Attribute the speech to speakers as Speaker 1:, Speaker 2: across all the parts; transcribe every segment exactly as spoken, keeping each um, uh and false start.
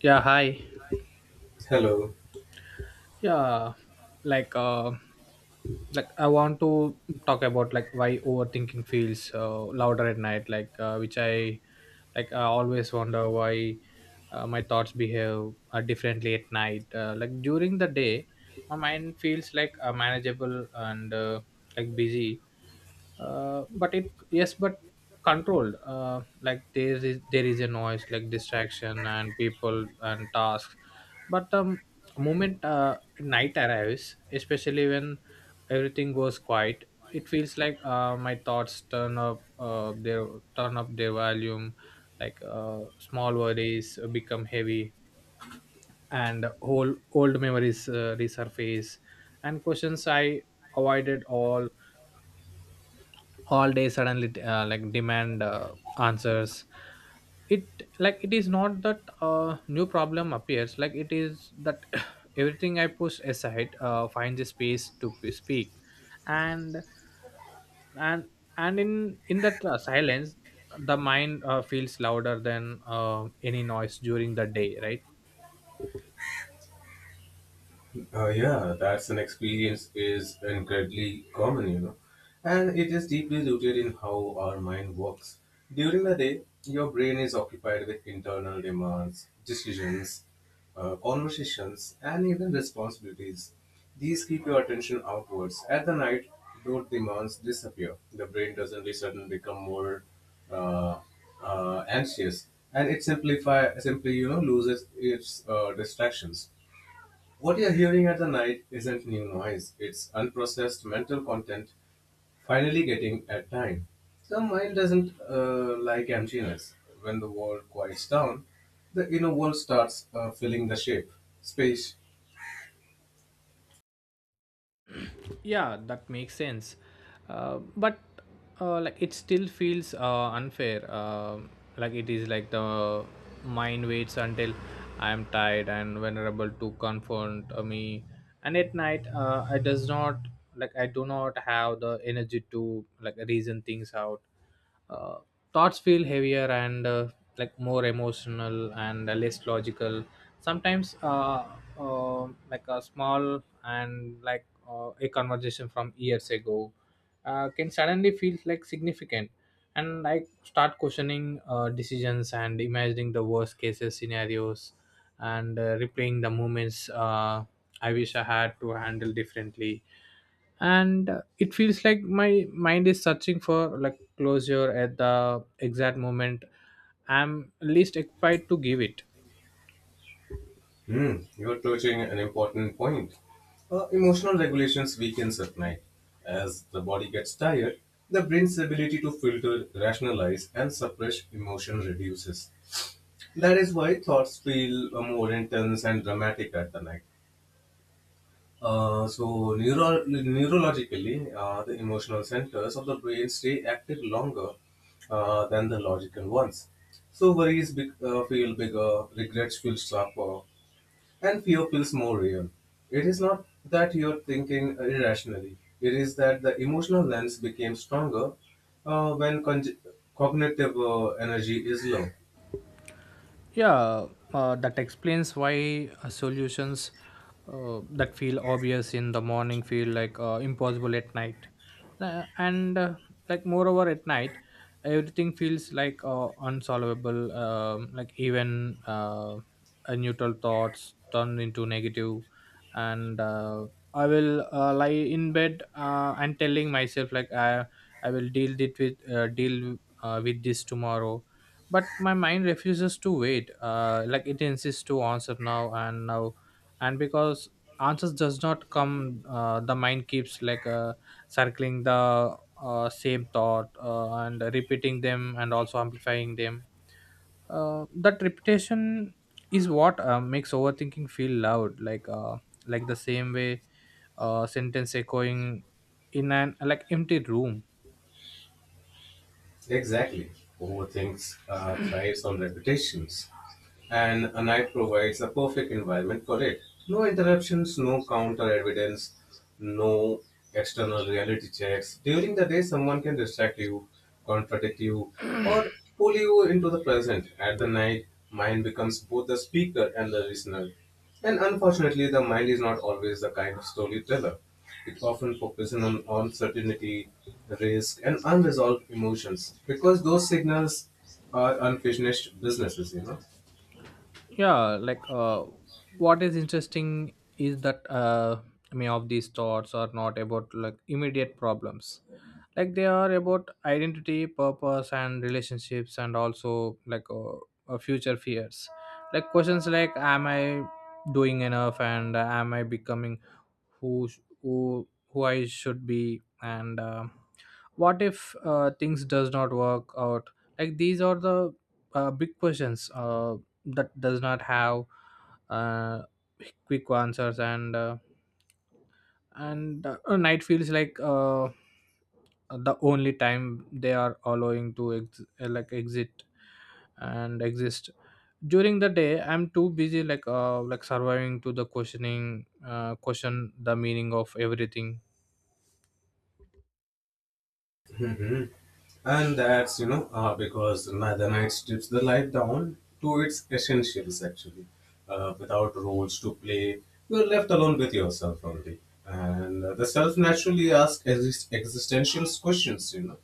Speaker 1: Yeah, hi.
Speaker 2: Hello.
Speaker 1: Yeah, like uh like I want to talk about like why overthinking feels uh, louder at night, like uh, which I like I always wonder why uh, my thoughts behave uh, differently at night. Uh, like during the day my mind feels like uh, manageable and uh, like busy, uh, but it yes but controlled. Uh, like there is there is a noise, like distraction and people and tasks, but um moment uh, night arrives, especially when everything goes quiet. It feels like uh, my thoughts turn up uh, their turn up their volume. Like uh, small worries become heavy, and whole old memories uh, resurface, and questions i avoided all all day suddenly uh, like demand uh, answers. it like it is not that uh, new problem appears, like it is that everything i push aside uh, finds a space to p- speak. And and and in in that uh, silence the mind uh, feels louder than uh, any noise during the day, right?
Speaker 2: Uh, yeah, that's an experience is incredibly common, you know, and it is deeply rooted in how our mind works. During the day, your brain is occupied with internal demands, decisions, uh, conversations, and even responsibilities. These keep your attention outwards. At the night, those demands disappear. The brain doesn't suddenly become more uh, uh, anxious, and it simplify simply, you know, loses its uh, distractions. What you're hearing at the night isn't new noise, it's unprocessed mental content finally getting at time. The mind doesn't uh, like emptiness. When the world quiets down, the inner world starts uh, filling the shape. Space.
Speaker 1: Yeah, that makes sense, uh, but uh, like it still feels uh, unfair. Um like it is like the mind waits until i am tired and vulnerable to confront uh, me, and at night uh, i does not, like I do not have the energy to like reason things out. uh, Thoughts feel heavier and uh, like more emotional and uh, less logical. Sometimes uh, uh, like a small and like uh, a conversation from years ago uh, can suddenly feel like significant, and like start questioning uh, decisions and imagining the worst cases scenarios and uh, replaying the moments uh, I wish I had to handle differently. And uh, it feels like my mind is searching for like closure at the exact moment I'm least equipped to give it.
Speaker 2: Hmm, you're touching an important point. Uh, emotional regulations weakens at night. As the body gets tired, the brain's ability to filter, rationalize, and suppress emotion reduces. That is why thoughts feel uh, more intense and dramatic at the night. Uh, so, neuro- neurologically, uh, the emotional centers of the brain stay active longer uh, than the logical ones. So, worries big, uh, feel bigger, regrets feel sharper, and fear feels more real. It is not that you're thinking irrationally, it is that the emotional lens became stronger uh, when conj- cognitive uh, energy is low.
Speaker 1: Yeah, uh, that explains why uh, solutions uh, that feel obvious in the morning feel like uh, impossible at night. Uh, and uh, like moreover at night, everything feels like uh, unsolvable. Um, like even uh, uh, neutral thoughts turn into negative, and uh, I will uh, lie in bed, uh, and telling myself, like I I will deal it with, uh, deal uh, with this tomorrow. But my mind refuses to wait. Uh, like it insists to answer now and now. And because answers does not come, uh, the mind keeps like uh, circling the uh, same thought uh, and repeating them and also amplifying them. Uh, that repetition is what uh, makes overthinking feel loud, like uh, like the same way uh, sentence echoing in an like empty room.
Speaker 2: Exactly. Overthinks uh, thrives on repetitions, and a night provides a perfect environment for it. No interruptions, no counter evidence, no external reality checks. During the day, someone can distract you, contradict you, or pull you into the present. At the night, mind becomes both the speaker and the listener. And unfortunately, the mind is not always the kind of storyteller. It often focuses on uncertainty, risk, and unresolved emotions because those signals are unfinished businesses, you know.
Speaker 1: yeah like uh, what is interesting is that uh, many of these thoughts are not about like immediate problems. Like they are about identity, purpose and relationships, and also like uh, uh, future fears, like questions like, am I doing enough, and uh, am I becoming who sh- who who I should be, and um, what if uh, things does not work out? Like these are the uh, big questions uh, that does not have uh, quick answers. And uh, and uh, night feels like uh, the only time they are allowing to ex- uh, like exit and exist. During the day I'm too busy like uh, like surviving to the questioning uh, question the meaning of everything.
Speaker 2: Mhm. And that's, you know, uh, because ni- the night strips the life down to its essentials, actually. Uh, without roles to play, you're left alone with yourself only. And uh, the self naturally asks exist- existential questions, you know.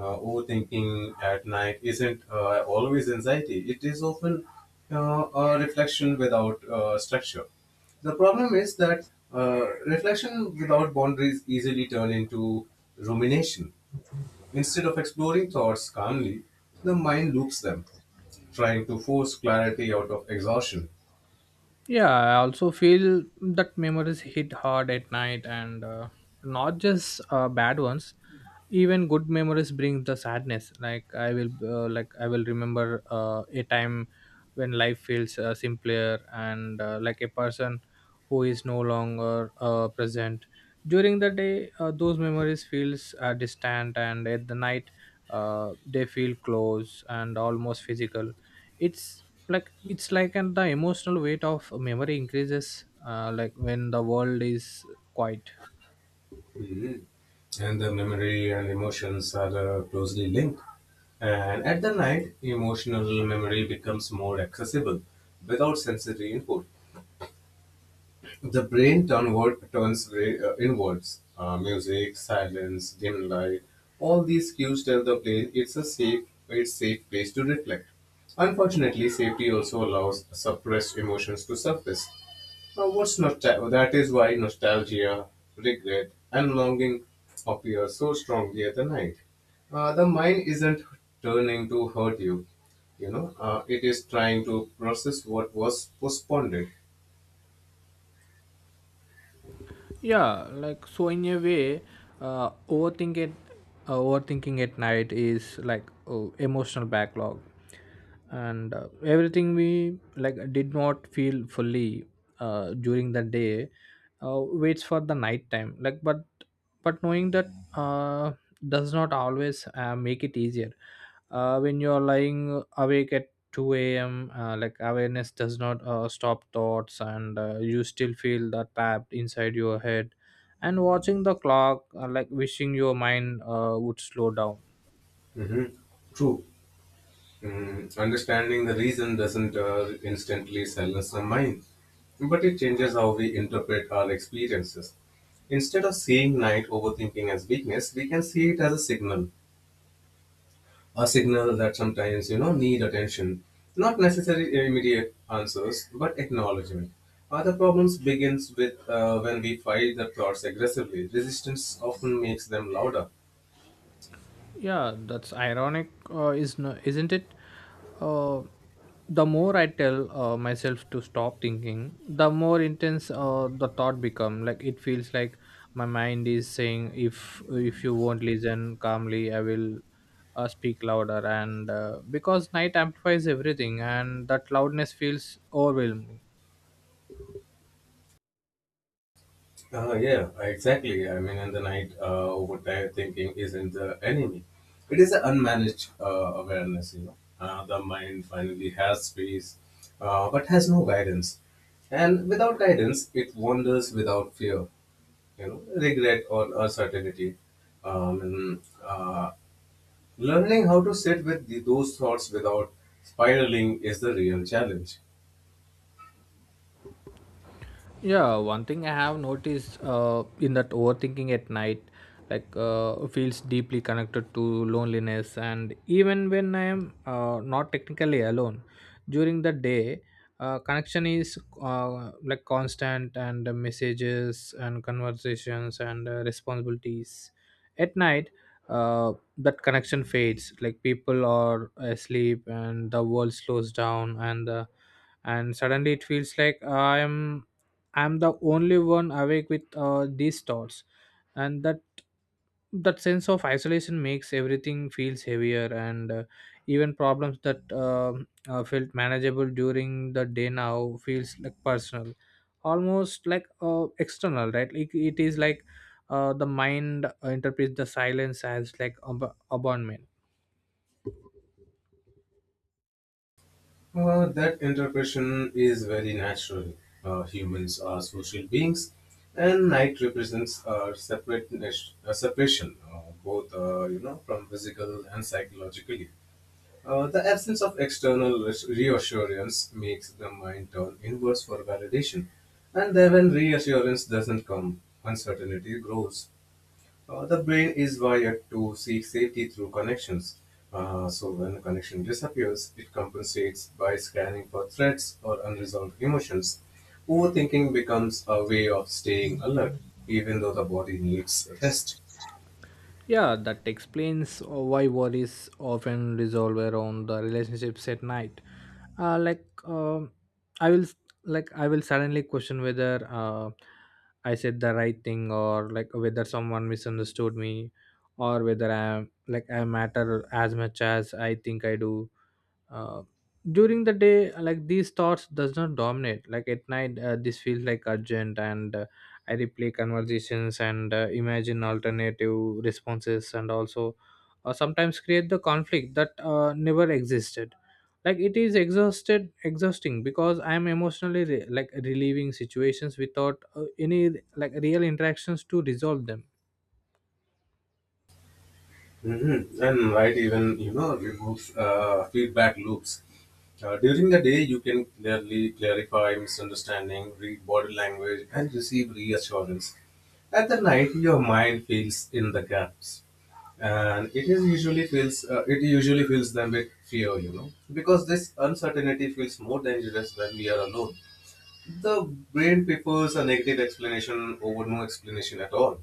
Speaker 2: Uh, overthinking at night isn't uh, always anxiety, it is often uh, a reflection without uh, structure. The problem is that uh, reflection without boundaries easily turn into rumination. Instead of exploring thoughts calmly, the mind loops them, trying to force clarity out of exhaustion.
Speaker 1: Yeah, I also feel that memories hit hard at night, and uh, not just uh, bad ones. Even good memories bring the sadness. like i will uh, like I will remember uh, a time when life feels uh, simpler, and uh, like a person who is no longer uh, present. During the day uh, those memories feels uh, distant, and at the night uh, they feel close and almost physical. It's like it's like and the emotional weight of memory increases uh, like when the world is quiet.
Speaker 2: Mhm. And the memory and emotions are uh, closely linked. And at the night, emotional memory becomes more accessible without sensory input. The brain downward turns way, uh, inwards. Uh, music, silence, dim light, all these cues tell the brain it's a safe, it's safe place to reflect. Unfortunately, safety also allows suppressed emotions to surface. Now, what's nostalgia? That is why nostalgia, regret, and longing appear so strongly at the night. Uh, the mind isn't turning to hurt you, you know, uh, it is trying to process what was postponed.
Speaker 1: Yeah like so in a way, uh, overthinking uh, overthinking at night is like oh, emotional backlog, and uh, everything we like did not feel fully uh, during the day uh, waits for the night time. Like but but knowing that uh, does not always uh, make it easier uh, when you are lying awake at two a m. Uh, like awareness does not uh, stop thoughts, and uh, you still feel that trapped inside your head, and watching the clock, uh, like wishing your mind uh, would slow down.
Speaker 2: Mhm. True. Mm, understanding the reason doesn't uh, instantly silence our mind, but it changes how we interpret our experiences. Instead of seeing night overthinking as weakness, we can see it as a signal, a signal that sometimes, you know, need attention, not necessarily immediate answers, but acknowledgement. Other problems begins with uh, when we fight the thoughts aggressively. Resistance often makes them louder.
Speaker 1: Yeah, that's ironic, uh, is no, isn't it? Uh, the more I tell uh, myself to stop thinking, the more intense uh, the thought become. Like it feels like my mind is saying, "If if you won't listen calmly, I will uh, speak louder." And uh, because night amplifies everything, and that loudness feels overwhelming.
Speaker 2: Uh, yeah, exactly. I mean, in the night, uh, overtime thinking isn't the enemy. It is an unmanaged uh, awareness, you know. Uh, the mind finally has space, uh, but has no guidance. And without guidance, it wanders without fear, you know, regret or uncertainty. Um, and, uh, learning how to sit with the, those thoughts without spiraling is the real challenge.
Speaker 1: Yeah, one thing I have noticed uh, in that overthinking at night like uh, feels deeply connected to loneliness, and even when I am uh, not technically alone during the day, uh, connection is uh, like constant, and the messages and conversations and uh, responsibilities. At night, uh, that connection fades. Like people are asleep, and the world slows down, and the and suddenly it feels like i am I'm the only one awake with uh, these thoughts, and that that sense of isolation makes everything feels heavier, and uh, even problems that um uh, felt manageable during the day now feels like personal, almost like uh, external, right? like it is like uh, The mind interprets the silence as like ab- abandonment.
Speaker 2: Well, that interpretation is very natural. Uh, humans are social beings, and night represents a separate a separation, uh, both, uh, you know, from physical and psychologically. Uh, the absence of external res- reassurance makes the mind turn inwards for validation, and then when reassurance doesn't come, uncertainty grows. Uh, the brain is wired to seek safety through connections. Uh, so when a connection disappears, it compensates by scanning for threats or unresolved emotions. Overthinking becomes a way of staying alert, even though the body needs rest.
Speaker 1: Yeah, that explains uh, why worries often resolve around the relationships at night. Uh, like um I will, s- like I will suddenly question whether uh, I said the right thing, or like whether someone misunderstood me, or whether I am, like I matter as much as I think I do. uh, During the day like these thoughts does not dominate. Like at night uh, this feels like urgent, and uh, I replay conversations and uh, imagine alternative responses, and also uh, sometimes create the conflict that uh, never existed. Like it is exhausted exhausting because i am emotionally re- like relieving situations without uh, any like real interactions to resolve them.
Speaker 2: Mm-hmm. And right, even, you know, removes uh, feedback loops. Uh, during the day, you can clearly clarify misunderstanding, read body language, and receive reassurance. At the night, your mind fills in the gaps, and it is usually fills uh, it usually fills them with fear, you know, because this uncertainty feels more dangerous when we are alone. The brain prefers a negative explanation over no explanation at all.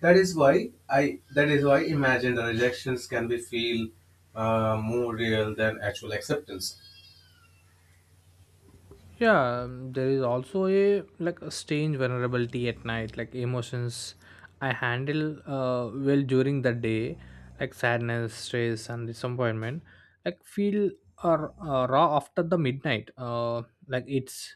Speaker 2: That is why I. That is why imagined rejections can be feel uh, more real than actual acceptance.
Speaker 1: yeah um, there is also a like a strange vulnerability at night. Like emotions i handle uh, well during the day, like sadness, stress and disappointment, like feel are uh, raw after the midnight. Uh, like it's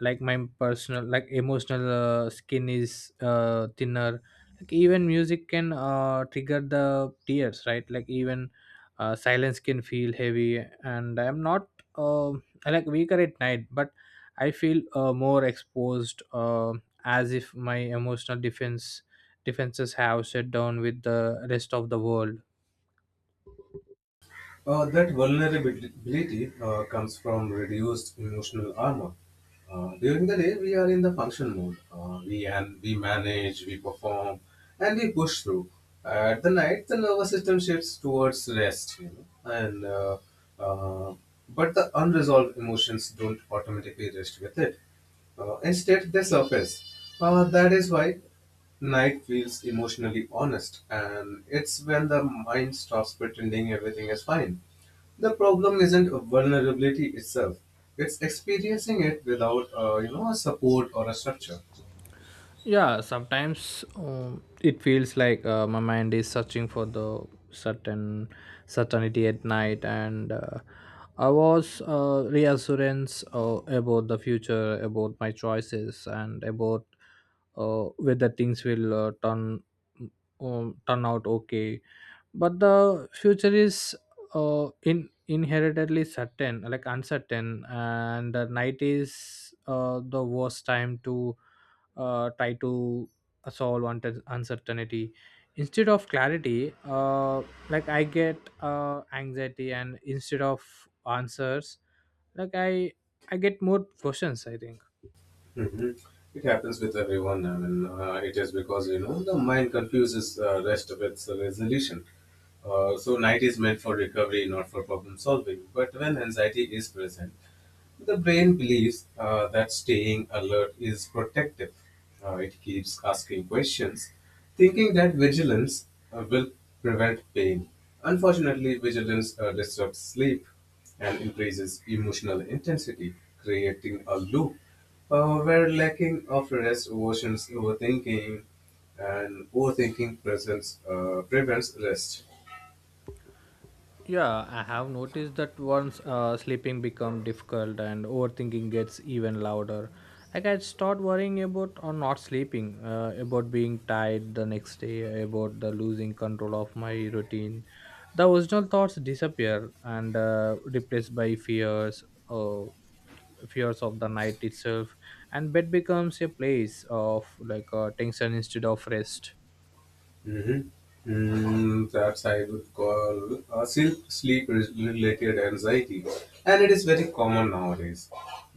Speaker 1: like My personal like emotional uh, skin is uh, thinner. Like even music can uh, trigger the tears, right? Like even uh, silence can feel heavy, and I'm not uh, like weaker at night, but I feel uh, more exposed, uh, as if my emotional defense defenses have shut down with the rest of the world.
Speaker 2: Uh, that vulnerability uh, comes from reduced emotional armor. Uh, during the day, we are in the function mode. Uh, we and we manage, we perform, and we push through. At the night, the nervous system shifts towards rest, you know, and uh, uh, but the unresolved emotions don't automatically rest with it. Uh, instead, they surface. Uh, that is why night feels emotionally honest, and it's when the mind stops pretending everything is fine. The problem isn't vulnerability itself; it's experiencing it without, uh, you know, a support or a structure.
Speaker 1: Yeah sometimes um, It feels like uh, my mind is searching for the certain certainty at night, and uh, i was uh, reassurance uh, about the future, about my choices, and about uh, whether things will uh, turn um, turn out okay. But the future is uh, in inherently certain, like uncertain, and the night is uh, the worst time to uh, try to solve unte- uncertainty. Instead of clarity, uh, like I get uh, anxiety, and instead of answers, like i I get more questions, I think.
Speaker 2: Hmm. It happens with everyone. I mean, uh, it is because, you know, the mind confuses uh, rest with resolution. Uh, so night is meant for recovery, not for problem solving. But when anxiety is present, the brain believes uh, that staying alert is protective. Uh, it keeps asking questions, thinking that vigilance uh, will prevent pain. Unfortunately, vigilance uh, disrupts sleep and increases emotional intensity, creating a loop uh, where lacking of rest worsens overthinking, and overthinking presents, uh, prevents rest.
Speaker 1: Yeah, I have noticed that once uh, sleeping becomes difficult, and overthinking gets even louder. Like I start worrying about or not sleeping, uh, about being tired the next day, about the losing control of my routine. The original thoughts disappear and uh, replaced by fears, uh, fears of the night itself, and bed becomes a place of like uh, tension instead of rest.
Speaker 2: Mm-hmm. Mm, perhaps I would call uh, sleep sleep related anxiety, and it is very common nowadays.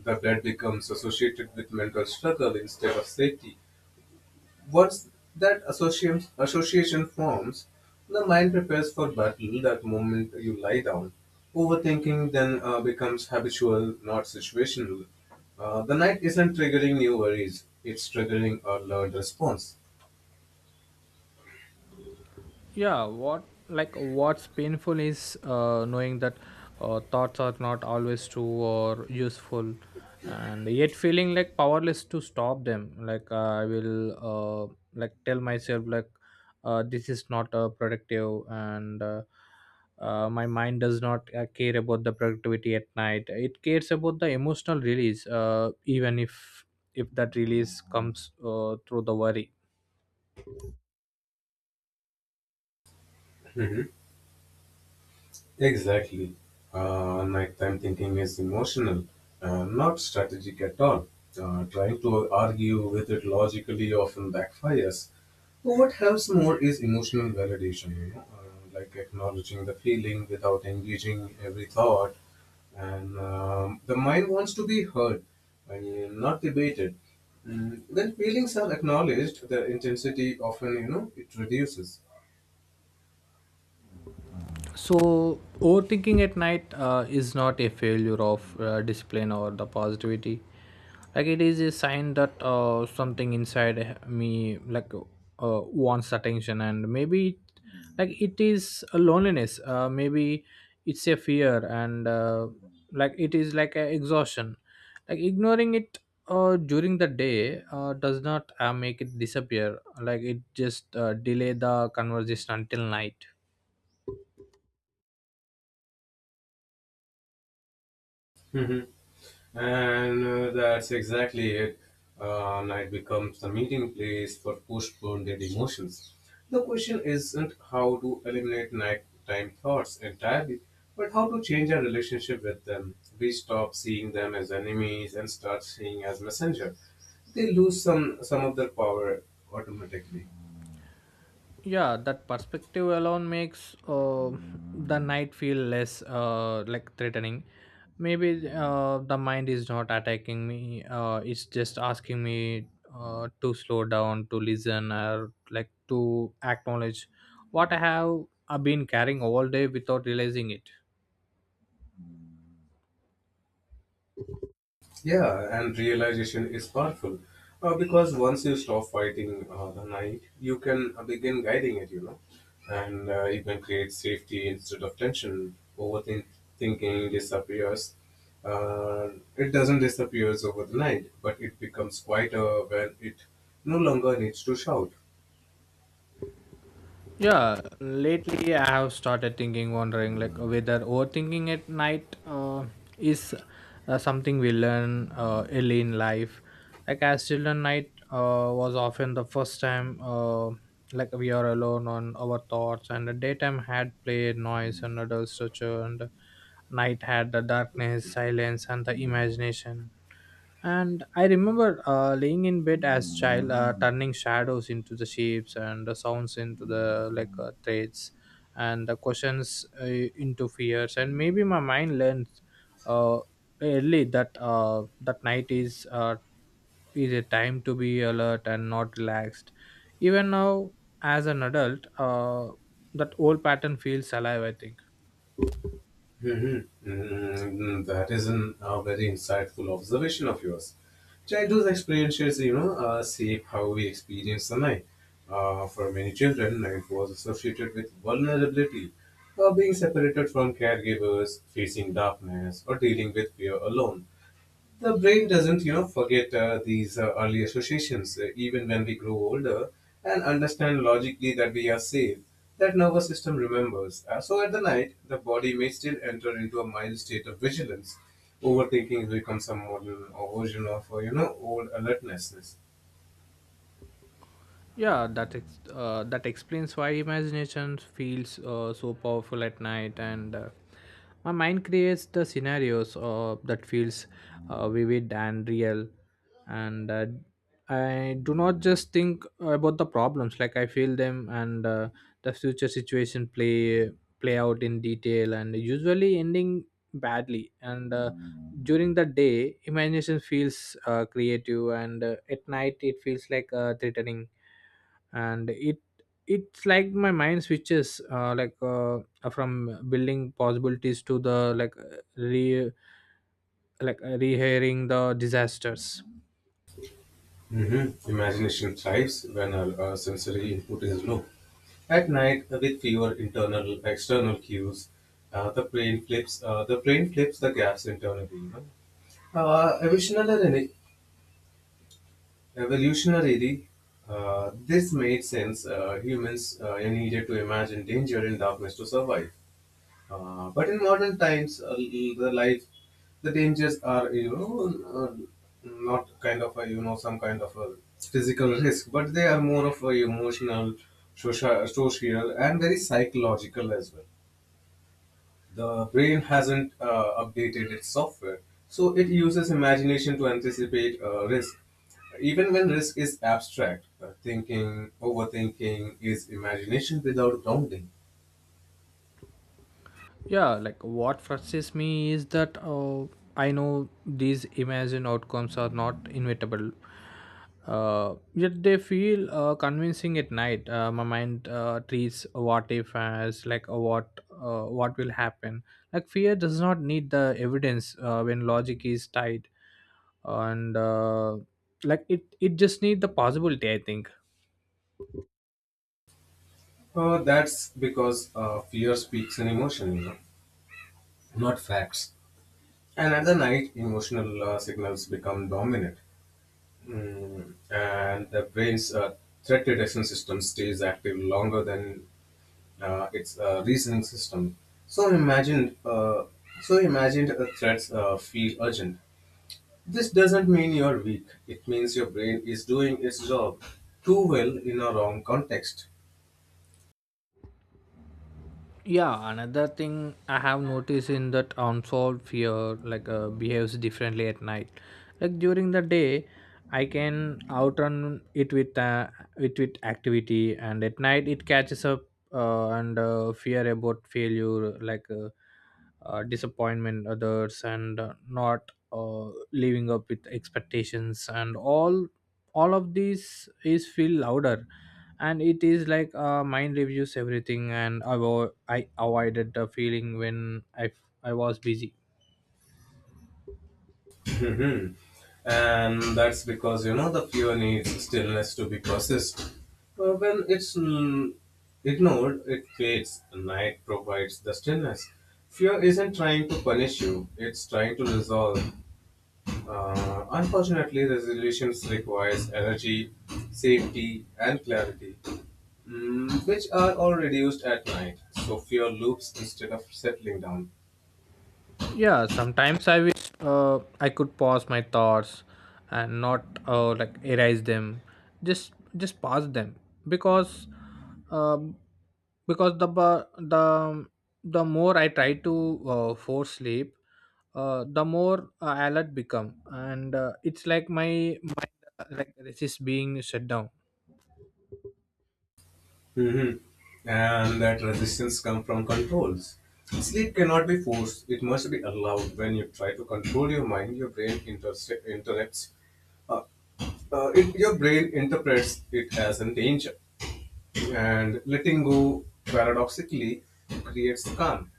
Speaker 2: The blood becomes associated with mental struggle instead of safety. Once that association association forms, the mind prepares for battle. That moment you lie down, overthinking then uh, becomes habitual, not situational. Uh, the night isn't triggering new worries; it's triggering a learned response.
Speaker 1: yeah what like what's painful is uh, knowing that uh, thoughts are not always true or useful, and yet feeling like powerless to stop them. like uh, I will uh, like tell myself, like uh, this is not uh, productive, and uh, uh, my mind does not uh, care about the productivity at night. It cares about the emotional release uh, even if if that release comes uh, through the worry.
Speaker 2: Exactly. Uh, nighttime thinking is emotional, uh, not strategic at all. Uh, trying to argue with it logically often backfires. What helps more is emotional validation, you know, uh, like acknowledging the feeling without engaging every thought. And um, the mind wants to be heard, and not debated. Mm, when feelings are acknowledged, the intensity often, you know, it reduces.
Speaker 1: So, overthinking at night uh, is not a failure of uh, discipline or the positivity. Like it is a sign that uh, something inside me like uh, wants attention, and maybe like it is a loneliness. Uh, maybe it's a fear, and uh, like it is like a exhaustion. Like ignoring it uh, during the day uh, does not uh, make it disappear. Like it just uh, delay the conversation until night.
Speaker 2: And uh, that's exactly it. Uh, night becomes the meeting place for postponed emotions. The question isn't how to eliminate nighttime thoughts entirely, but how to change our relationship with them. We stop seeing them as enemies and start seeing as messenger. They lose some some of their power automatically.
Speaker 1: Yeah that perspective alone makes uh, the night feel less uh, like threatening. Maybe uh, the mind is not attacking me, uh, it's just asking me uh, to slow down, to listen, or like to acknowledge what i have uh, been carrying all day without realizing it.
Speaker 2: Yeah, and realization is powerful uh, because once you stop fighting uh, the night, you can uh, begin guiding it, you know, and uh, you can create safety instead of tension. Overthinking Thinking disappears. Uh, it doesn't disappears over the night, but it becomes quieter when it no longer needs to shout.
Speaker 1: Yeah, lately I have started thinking, wondering like whether overthinking at night uh, is uh, something we learn uh, early in life. Like as children, night uh, was often the first time uh, like we are alone on our thoughts, and the daytime had play, noise, and adult structure, and night had the darkness, silence, and the imagination. And I remember uh, laying in bed as child, uh, turning shadows into the shapes and the sounds into the like uh, threads, and the questions uh, into fears. And maybe my mind learned uh, early that uh, that night is uh, is a time to be alert and not relaxed. Even now, as an adult, uh, that old pattern feels alive, I think.
Speaker 2: Mhm. Mm, that is an, a very insightful observation of yours. Childhood experiences, you know, uh, shape how we experience the night. Uh, for many children, night was associated with vulnerability, uh, being separated from caregivers, facing darkness, or dealing with fear alone. The brain doesn't, you know, forget uh, these uh, early associations uh, even when we grow older and understand logically that we are safe. That nervous system remembers. Uh, so at the night, the body may still enter into a mild state of vigilance. Overthinking becomes a modern or version of, uh, you know, old alertness.
Speaker 1: Yeah, that ex- uh, that explains why imagination feels uh, so powerful at night, and uh, my mind creates the scenarios uh, that feels uh, vivid and real, and uh, I do not just think about the problems. Like I feel them, and uh, the future situation play play out in detail, and usually ending badly. And uh, during the day, imagination feels uh, creative, and uh, at night it feels like uh, threatening, and it it's like my mind switches uh, like uh, from building possibilities to the like uh, re like uh, rehearing the disasters.
Speaker 2: Hmm. Imagination thrives when our, uh, sensory input is low. At night, with fewer internal external cues, uh, the brain flips. Uh, the brain flips the gaps internally. You know? Uh, evolutionarily, Evolutionarily uh, this made sense. Uh, humans uh, needed to imagine danger and darkness to survive. Uh, but in modern times, uh, the life, the dangers are, you know, uh, not kind of a, you know, some kind of a physical risk, but they are more of a emotional, social, social, and very psychological as well. The brain hasn't uh, updated its software, so it uses imagination to anticipate uh, risk. Even when risk is abstract, uh, thinking, overthinking is imagination without grounding.
Speaker 1: Yeah, like what frustrates me is that uh, I know these imagined outcomes are not inevitable, uh, yet they feel uh, convincing at night. Uh, my mind uh, treats a what if as like a what uh, what will happen. Like fear does not need the evidence uh, when logic is tied, and uh, like it it just need the possibility, I think.
Speaker 2: Uh, that's because uh, fear speaks in emotion, you know, not facts. And at the night, emotional uh, signals become dominant, mm, and the brain's uh, threat detection system stays active longer than uh, its uh, reasoning system. So imagined, uh, so imagined uh, threats uh, feel urgent. This doesn't mean you're weak. It means your brain is doing its job too well in a wrong context.
Speaker 1: Yeah, another thing I have noticed in that unsolved fear like uh, behaves differently at night. Like during the day I can outrun it with uh, it with activity, and at night it catches up, uh, and uh, fear about failure, like uh, uh, disappointment others, and uh, not uh, living up with expectations and all all of these is feel louder. And it is like uh, mind reviews everything and I, avo- I avoided the feeling when I, I was busy.
Speaker 2: Mhm. And that's because, you know, the fear needs stillness to be processed. Uh, when it's mm, ignored, it fades. Night provides the stillness. Fear isn't trying to punish you, it's trying to resolve. Uh, unfortunately, resolutions requires energy, safety, and clarity, mm, which are all reduced at night. So fear loops instead of settling down.
Speaker 1: Yeah, sometimes I wish uh, I could pause my thoughts and not uh, like erase them, just just pause them, because um, because the bu- the the more I try to uh, force sleep, uh, the more uh, alert become, and uh, it's like my mind uh, like resists being shut down.
Speaker 2: Mhm. And that resistance comes from controls. Sleep cannot be forced; it must be allowed. When you try to control your mind, your brain interse- interrupts. Uh, uh, it, your brain interprets it as a danger, and letting go paradoxically creates calm.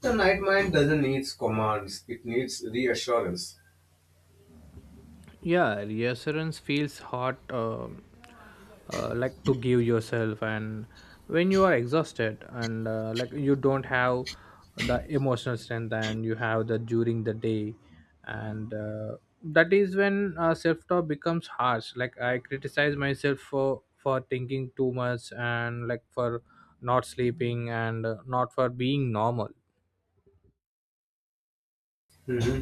Speaker 2: The night mind doesn't need commands; it needs reassurance.
Speaker 1: Yeah, reassurance feels hard. Uh, uh, like to give yourself, and when you are exhausted and uh, like you don't have the emotional strength, and you have the during the day. And uh, that is when uh, self talk becomes harsh. Like I criticize myself for for thinking too much, and like for not sleeping, and uh, not for being normal.
Speaker 2: Hmm,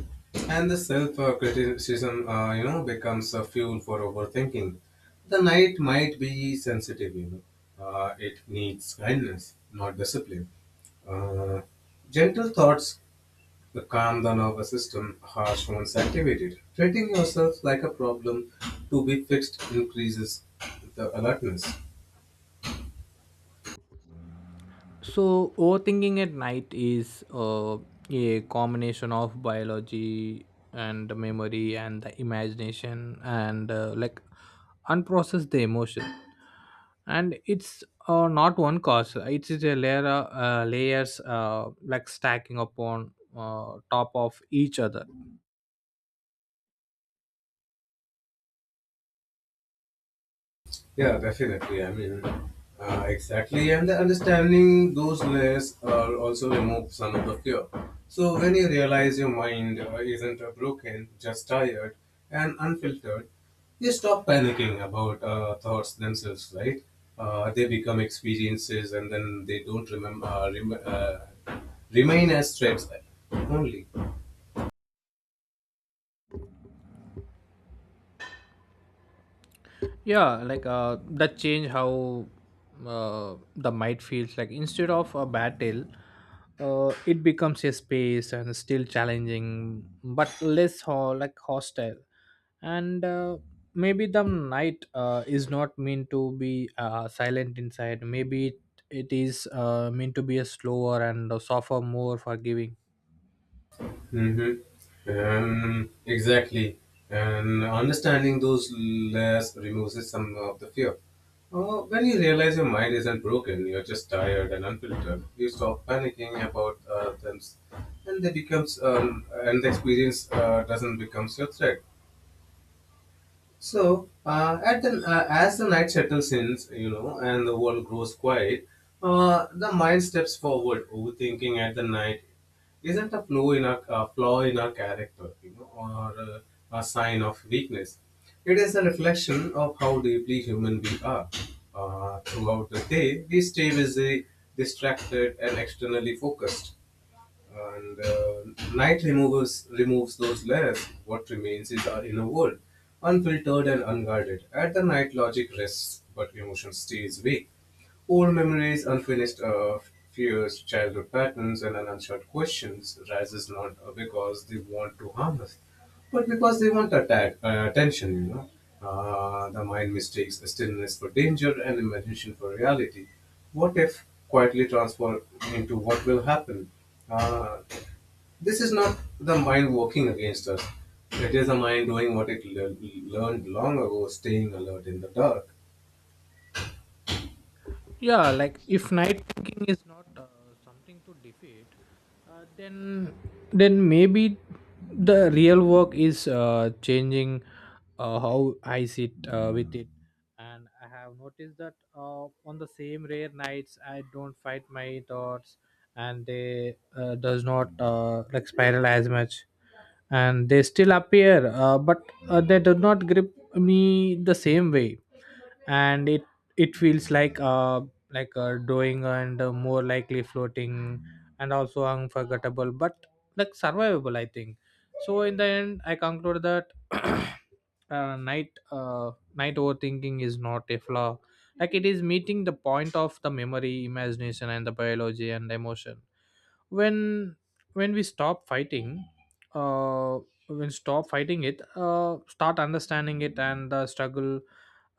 Speaker 2: and the self-criticism, uh, criticism, uh, you know, becomes a fuel for overthinking. The night might be sensitive, you know. Uh, it needs kindness, not discipline. Uh, Gentle thoughts calm the nervous system. Harsh ones activate it. Treating yourself like a problem to be fixed increases the alertness.
Speaker 1: So, overthinking at night is uh, a combination of biology and the memory and the imagination and uh, like unprocessed the emotion. And it's uh, not one cause. It is a layer, uh, layers uh, like stacking upon uh, top of each other.
Speaker 2: Yeah, definitely. I mean, uh, exactly. And the understanding those layers uh, also remove some of the fear. So when you realize your mind uh, isn't uh, broken, just tired and unfiltered, you stop panicking about uh, thoughts themselves, right? Uh, they become experiences, and then they don't remember uh, rem- uh, remain as threats only.
Speaker 1: Yeah, like uh that change how uh the might feels. Like instead of a battle, uh it becomes a space, and still challenging but less ho- like hostile. And uh, maybe the night uh, is not meant to be uh, silent inside. Maybe it, it is uh, meant to be a slower and a softer, more forgiving.
Speaker 2: Mm-hmm. Um, exactly. And understanding those less removes some of the fear. Uh, when you realize your mind isn't broken, you're just tired and unfiltered. You stop panicking about uh, them, and they becomes, um, and the experience uh, doesn't becomes your threat. So, uh, at the uh, as the night settles in, you know, and the world grows quiet, uh, the mind steps forward, overthinking at the night isn't a flaw in our, a flaw in our character, you know, or uh, a sign of weakness. It is a reflection of how deeply human we are. Uh, throughout the day, we stay busy, distracted, and externally focused and uh, night removes removes those layers. What remains is our inner world, unfiltered and unguarded. At the night, logic rests, but emotion stays awake. Old memories, unfinished uh, fears, childhood patterns, and unanswered questions rises not because they want to harm us, but because they want atta uh, attention, you know, uh, the mind mistakes the stillness for danger and imagination for reality. What if quietly transform into what will happen? Uh, this is not the mind working against us. It is the mind doing what it le- learned long ago, staying alert in the dark.
Speaker 1: Yeah, like if night thinking is not uh, something to defeat, uh, then then maybe the real work is uh, changing uh, how I sit uh, with it. And I have noticed that uh, on the same rare nights I don't fight my thoughts, and they uh, does not uh, like spiral as much. And they still appear, uh, but uh, they do not grip me the same way. And it it feels like uh like uh, doing and uh, more likely floating, and also unforgettable but like survivable, I think. So in the end I conclude that uh, night uh, night overthinking is not a flaw. Like it is meeting the point of the memory, imagination, and the biology and emotion. When when we stop fighting, uh when stop fighting it, uh start understanding it, and the struggle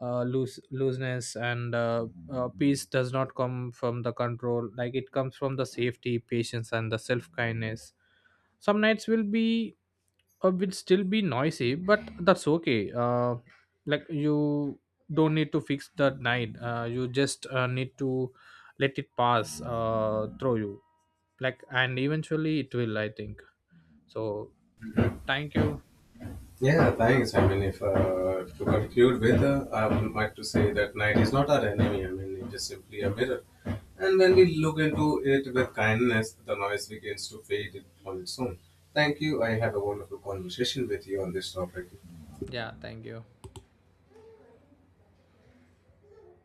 Speaker 1: uh loose looseness, and uh, uh peace does not come from the control. Like it comes from the safety, patience, and the self kindness. Some nights will be, uh, will still be noisy, but that's okay. Uh, like you don't need to fix that night. Uh, you just uh, need to let it pass uh, through you, like, and eventually it will, I think. So, thank you.
Speaker 2: Yeah, thanks. I mean, if uh, to conclude with, uh, I would like to say that night is not our enemy. I mean, it is simply a mirror. And when we look into it with kindness, the noise begins to fade on its own. Thank you. I had a wonderful conversation with you on this topic.
Speaker 1: Yeah, thank you.